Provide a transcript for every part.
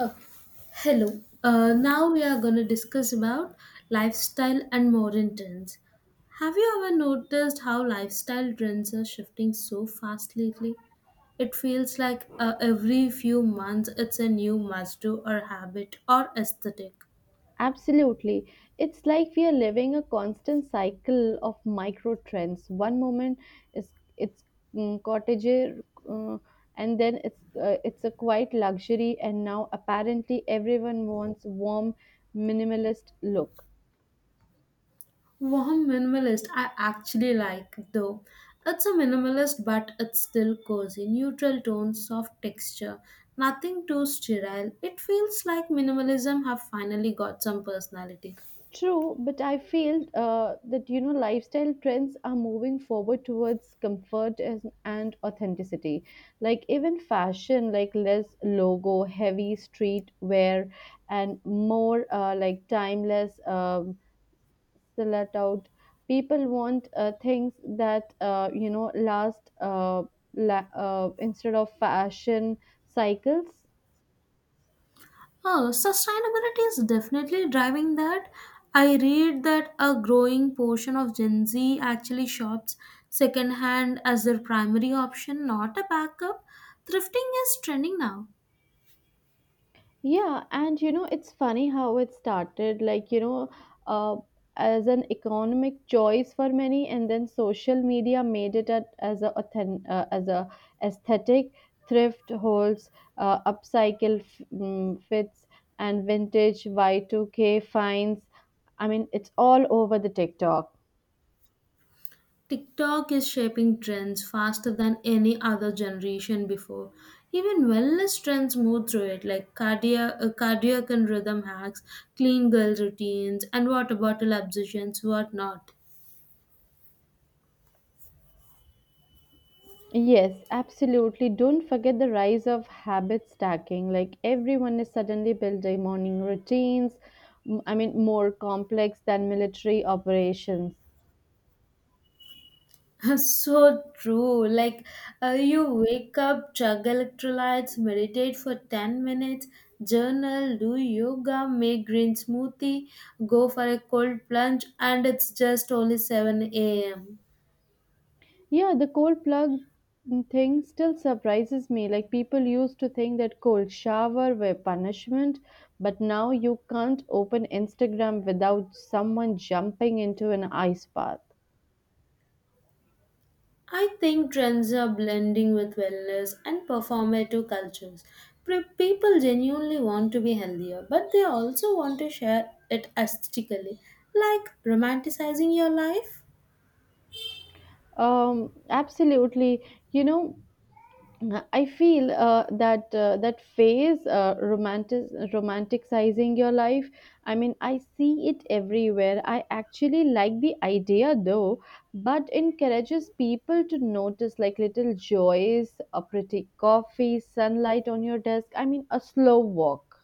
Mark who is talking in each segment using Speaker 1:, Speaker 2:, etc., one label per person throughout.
Speaker 1: Okay. Hello. Now we are going to discuss about lifestyle and modern trends. Have you ever noticed how lifestyle trends are shifting so fast lately? It feels like every few months it's a new must do or habit or aesthetic.
Speaker 2: Absolutely. It's like we are living a constant cycle of micro trends. One moment is it's cottager, uh, and then it's a quiet luxury, and now apparently everyone wants warm, minimalist look.
Speaker 1: Warm minimalist, I actually like though. It's a minimalist, but it's still cozy. Neutral tones, soft texture, nothing too sterile. It feels like minimalism have finally got some personality.
Speaker 2: True, but I feel that lifestyle trends are moving forward towards comfort and authenticity. Like even fashion, like less logo, heavy street wear, and more like timeless silhouette out. People want things that last instead of fashion cycles.
Speaker 1: Oh, sustainability is definitely driving that. I read that a growing portion of Gen Z actually shops secondhand as their primary option, not a backup. Thrifting is trending now.
Speaker 2: Yeah, and you know, it's funny how it started, uh, as an economic choice for many, and then social media made it at, as a authen- as a aesthetic, thrift holds, upcycle fits, and vintage Y2K finds. I mean, it's all over the TikTok.
Speaker 1: TikTok is shaping trends faster than any other generation before. Even wellness trends move through it, like cardiac and rhythm hacks, clean girl routines, and water bottle obsessions, whatnot.
Speaker 2: Yes, absolutely. Don't forget the rise of habit stacking. Like everyone is suddenly building morning routines, I mean, more complex than military operations.
Speaker 1: So true. Like, you wake up, chug electrolytes, meditate for 10 minutes, journal, do yoga, make green smoothie, go for a cold plunge, and it's just only 7 a.m.
Speaker 2: Yeah, the cold plug thing still surprises me. Like people used to think that cold shower were punishment, but now you can't open Instagram without someone jumping into an ice bath.
Speaker 1: I think trends are blending with wellness and performative cultures. People genuinely want to be healthier, but they also want to share it aesthetically, like romanticizing your life.
Speaker 2: Absolutely. You know, I feel that that phase romanticizing your life. I mean, I see it everywhere. I actually like the idea though, but encourages people to notice like little joys, a pretty coffee, sunlight on your desk. I mean, a slow walk.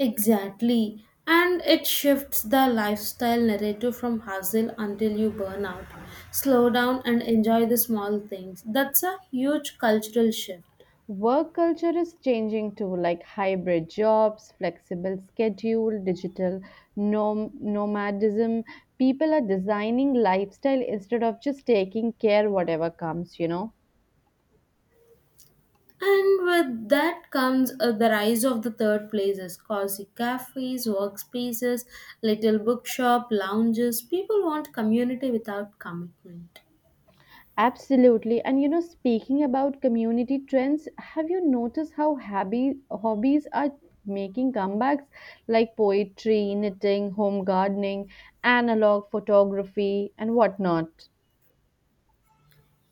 Speaker 1: Exactly. And it shifts the lifestyle narrative from hustle until you burn out. Slow down and enjoy the small things. That's a huge cultural shift.
Speaker 2: Work culture is changing too, like hybrid jobs, flexible schedule, digital nomadism. People are designing lifestyle instead of just taking care whatever comes.
Speaker 1: And with that comes the rise of the third places, cozy cafes, workspaces, little bookshop, lounges. People want community without commitment.
Speaker 2: Absolutely. And you know, speaking about community trends, have you noticed how hobby hobbies are making comebacks like poetry, knitting, home gardening, analog photography, and whatnot?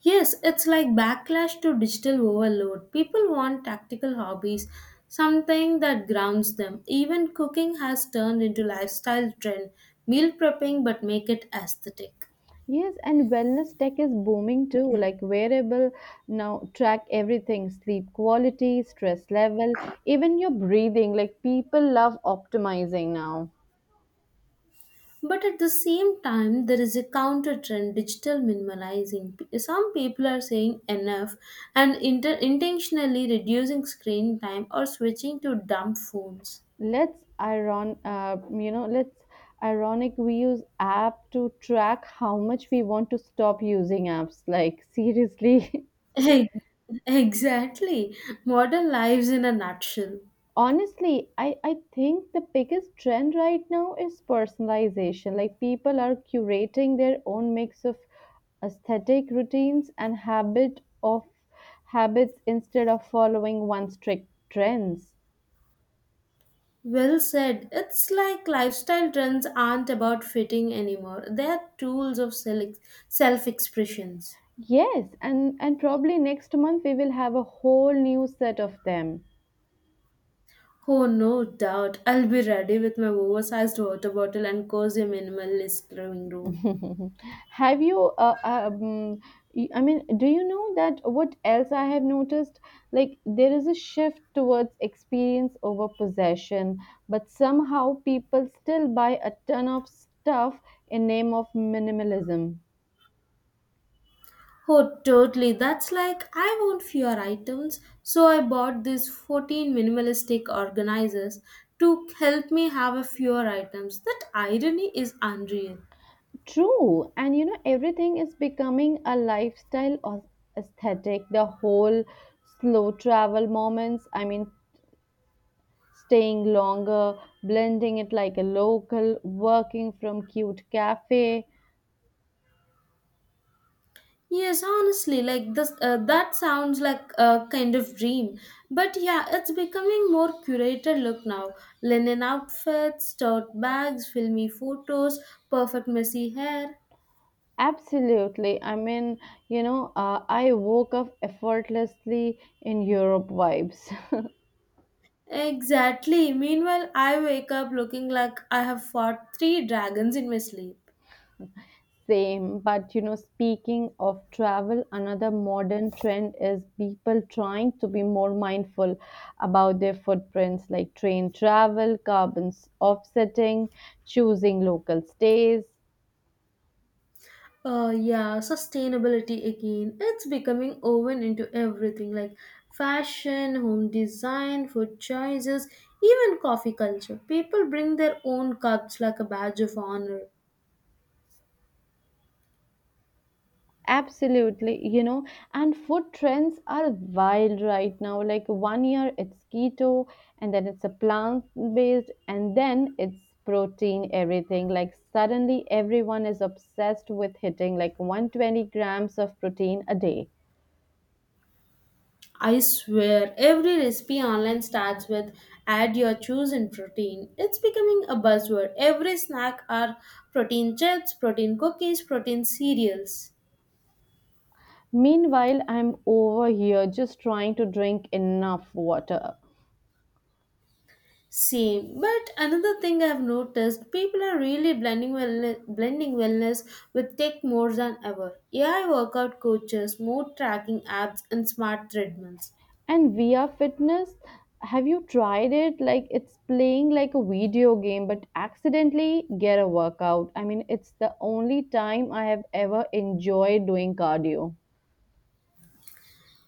Speaker 1: Yes, it's like backlash to digital overload. People want tactical hobbies, something that grounds them. Even cooking has turned into lifestyle trend, meal prepping but make it aesthetic.
Speaker 2: Yes, and wellness tech is booming too, like wearable now track everything, sleep quality, stress level, even your breathing. Like people love optimizing now.
Speaker 1: But at the same time, there is a counter trend digital minimalizing. Some people are saying enough and intentionally reducing screen time or switching to dumb phones.
Speaker 2: Let's ironic we use app to track how much we want to stop using apps. Like seriously.
Speaker 1: Ex- Exactly. Modern lives in a nutshell.
Speaker 2: Honestly, I think the biggest trend right now is personalization. Like people are curating their own mix of aesthetic routines and habits instead of following one strict trends.
Speaker 1: Well said. It's like lifestyle trends aren't about fitting anymore, they are tools of self expressions.
Speaker 2: Yes, and probably next month we will have a whole new set of them.
Speaker 1: Oh, no doubt. I'll be ready with my oversized water bottle and cozy minimalist living room.
Speaker 2: have you uh, um, I mean, do you know that what else I have noticed. Like there is a shift towards experience over possession, but somehow people still buy a ton of stuff in name of minimalism.
Speaker 1: Oh, totally. That's like I want fewer items, so I bought these 14 minimalistic organizers to help me have a fewer items. That irony is unreal.
Speaker 2: True, and you know, everything is becoming a lifestyle or aesthetic. The whole slow travel moments, I mean, staying longer, blending it like a local, working from cute cafe.
Speaker 1: Yes, honestly, like this, that sounds like a kind of dream. But yeah, it's becoming more curated look now. Linen outfits, tote bags, filmy photos, perfect messy hair.
Speaker 2: Absolutely. I mean, you know, I woke up effortlessly in Europe vibes.
Speaker 1: Exactly. Meanwhile, I wake up looking like I have fought three dragons in my sleep.
Speaker 2: Same, but you know, speaking of travel, another modern trend is people trying to be more mindful about their footprints, like train travel, carbon offsetting, choosing local stays.
Speaker 1: Yeah, sustainability again. It's becoming woven into everything like fashion, home design, food choices, even coffee culture. People bring their own cups like a badge of honor.
Speaker 2: Absolutely, you know, and food trends are wild right now. Like one year it's keto, and then it's a plant based, and then it's protein, everything. Like suddenly everyone is obsessed with hitting like 120 grams of protein a day.
Speaker 1: I swear, every recipe online starts with add your chosen protein. It's becoming a buzzword. Every snack are protein chips, protein cookies, protein cereals.
Speaker 2: Meanwhile, I'm over here just trying to drink enough water.
Speaker 1: Same, but another thing I've noticed, people are really blending wellness with tech more than ever. AI workout coaches, mood tracking apps, and smart treadmills.
Speaker 2: And VR Fitness, have you tried it? Like it's playing like a video game, but accidentally get a workout. I mean, it's the only time I have ever enjoyed doing cardio.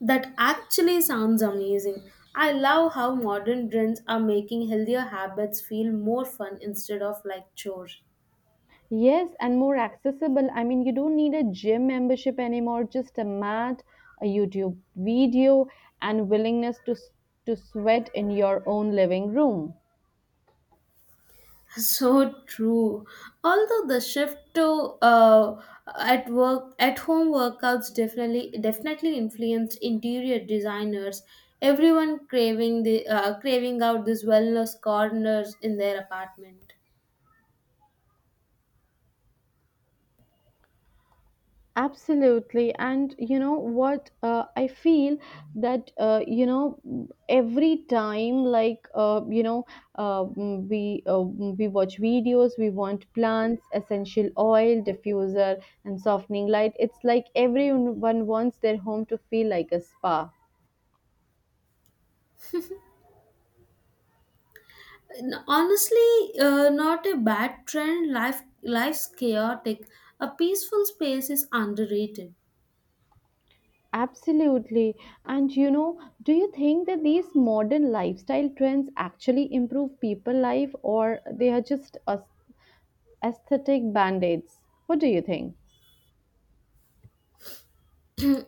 Speaker 1: That actually sounds amazing. I love how modern trends are making healthier habits feel more fun instead of like chore.
Speaker 2: Yes, and more accessible. I mean, you don't need a gym membership anymore, just a mat, a YouTube video, and willingness to sweat in your own living room.
Speaker 1: So true. Although the shift to at home workouts definitely influenced interior designers. Everyone craving the craving out these wellness corners in their apartment.
Speaker 2: Absolutely. And you know what? I feel that, every time, we watch videos, we want plants, essential oil, diffuser, and softening light. It's like everyone wants their home to feel like a spa.
Speaker 1: Honestly, not a bad trend. Life's chaotic. A peaceful space is underrated.
Speaker 2: Absolutely. And you know, do you think that these modern lifestyle trends actually improve people life, or they are just us aesthetic band aids? What do you think?
Speaker 1: Hmm,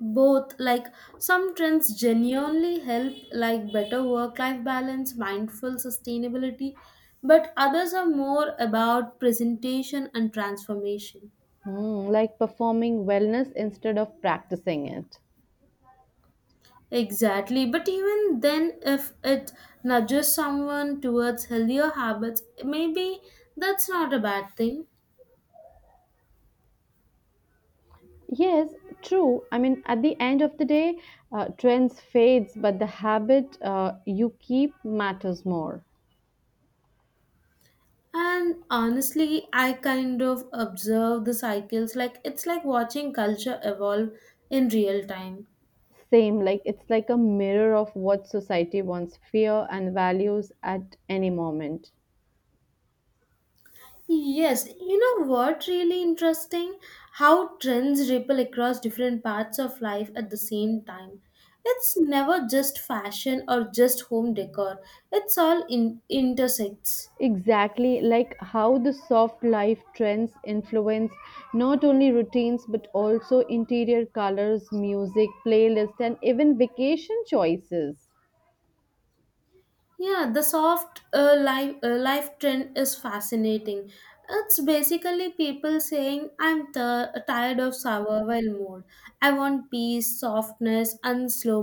Speaker 1: both like some trends genuinely help like better work life balance mindful sustainability but others are more about presentation and transformation
Speaker 2: Hmm, like performing wellness instead of practicing it.
Speaker 1: exactly but even then if it nudges someone towards healthier habits maybe that's not a bad thing
Speaker 2: Yes, true. I mean, at the end of the day, trends fades, but the habit you keep matters more.
Speaker 1: and honestly I kind of observe the cycles like it's like watching culture evolve in real time.
Speaker 2: Same, like it's like a mirror of what society wants, fear, and values at any moment.
Speaker 1: Yes, you know what really interesting? How trends ripple across different parts of life at the same time. It's never just fashion or just home decor. It's all in intersects.
Speaker 2: Exactly, like how the soft life trends influence not only routines but also interior colors, music, playlists, and even vacation choices.
Speaker 1: Yeah, the soft life trend is fascinating. It's basically people saying I'm tired of survival mode. I want peace, softness, and slow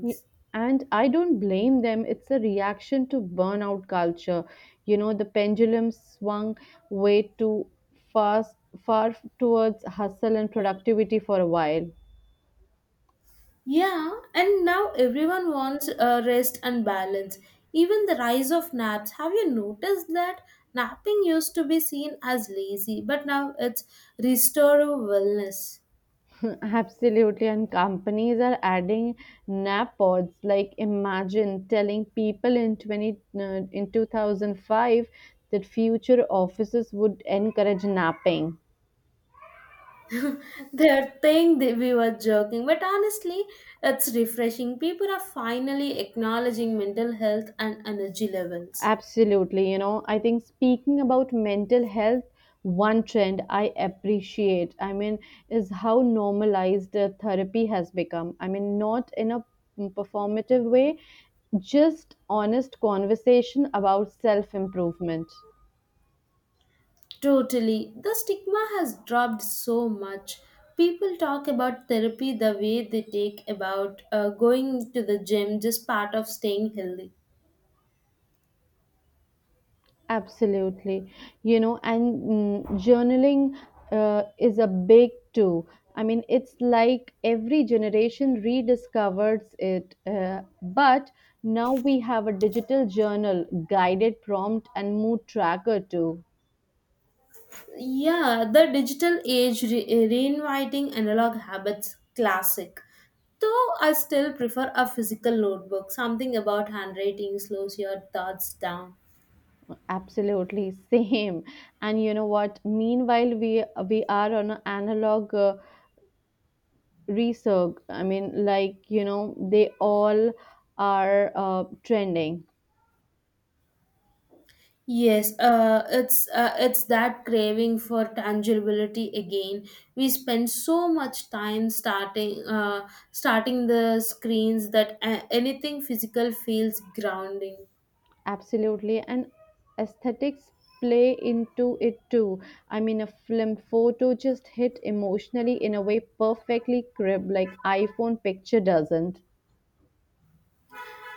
Speaker 2: Y- And I don't blame them, it's a reaction to burnout culture. You know, the pendulum swung way too fast, far towards hustle and productivity for a while.
Speaker 1: Yeah, and now everyone wants rest and balance. Even the rise of naps. Have you noticed that napping used to be seen as lazy, but now it's restorative wellness?
Speaker 2: Absolutely, and companies are adding nap pods. Like, imagine telling people in twenty in 2005 that future offices would encourage napping.
Speaker 1: They're saying that we were joking, but honestly, it's refreshing. People are finally acknowledging mental health and energy levels.
Speaker 2: Absolutely, you know, I think speaking about mental health, one trend I appreciate, I mean, is how normalized therapy has become. I mean, not in a performative way, just honest conversation about self improvement.
Speaker 1: Totally. The stigma has dropped so much. People talk about therapy the way they take about going to the gym, just part of staying healthy.
Speaker 2: Absolutely. You know, and journaling is a big too. I mean, it's like every generation rediscovers it. But now we have a digital journal, guided prompt, and mood tracker too.
Speaker 1: Yeah, the digital age reinviting analog habits, classic. Though I still prefer a physical notebook, something about handwriting slows your thoughts down.
Speaker 2: Absolutely, same. And you know what? Meanwhile, we are on an analog research. I mean, like you know, they all are trending.
Speaker 1: Yes, it's that craving for tangibility again. We spend so much time starting the screens that anything physical feels grounding.
Speaker 2: Absolutely. And aesthetics play into it too. I mean, a film photo just hit emotionally in a way perfectly crib like iPhone picture doesn't.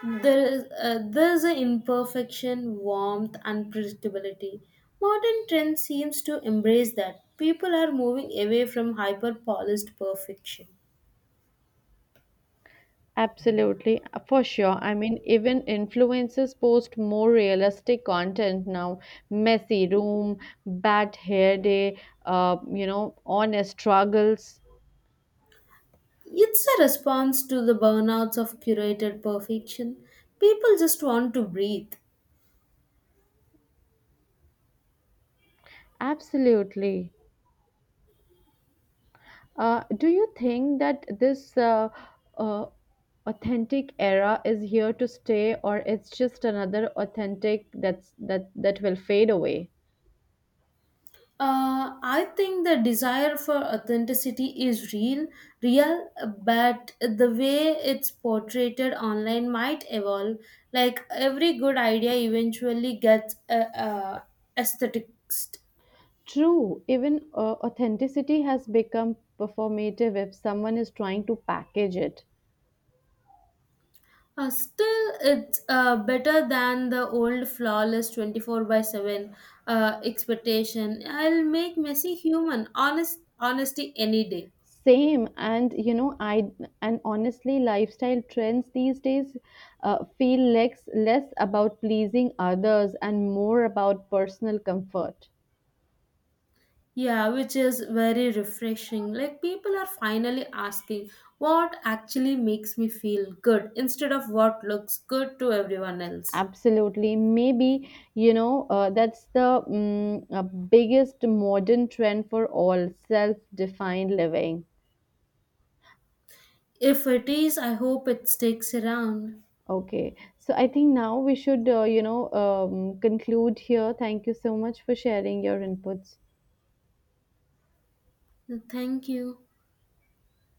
Speaker 1: There's an imperfection, warmth, unpredictability. Modern trend seems to embrace that. People are moving away from hyper polished perfection.
Speaker 2: Absolutely, for sure. I mean, even influencers post more realistic content now. Messy room, bad hair day, honest struggles.
Speaker 1: It's a response to the burnouts of curated perfection. People just want to breathe.
Speaker 2: Absolutely. Do you think that this uh, authentic era is here to stay, or it's just another authentic that will fade away?
Speaker 1: I think the desire for authenticity is real, but the way it's portrayed online might evolve. Like every good idea eventually gets aesthetics.
Speaker 2: True, even authenticity has become performative if someone is trying to package it.
Speaker 1: Still, it's better than the old flawless 24 by 7 expectation. I'll make messy human, honesty any day.
Speaker 2: Same, and you know, I and honestly, lifestyle trends these days feel less about pleasing others and more about personal comfort.
Speaker 1: Yeah, which is very refreshing. Like people are finally asking what actually makes me feel good instead of what looks good to everyone else.
Speaker 2: Absolutely. Maybe, you know, that's the biggest modern trend for all self-defined living.
Speaker 1: If it is, I hope it sticks around.
Speaker 2: Okay. So I think now we should, conclude here. Thank you so much for sharing your inputs.
Speaker 1: Thank you.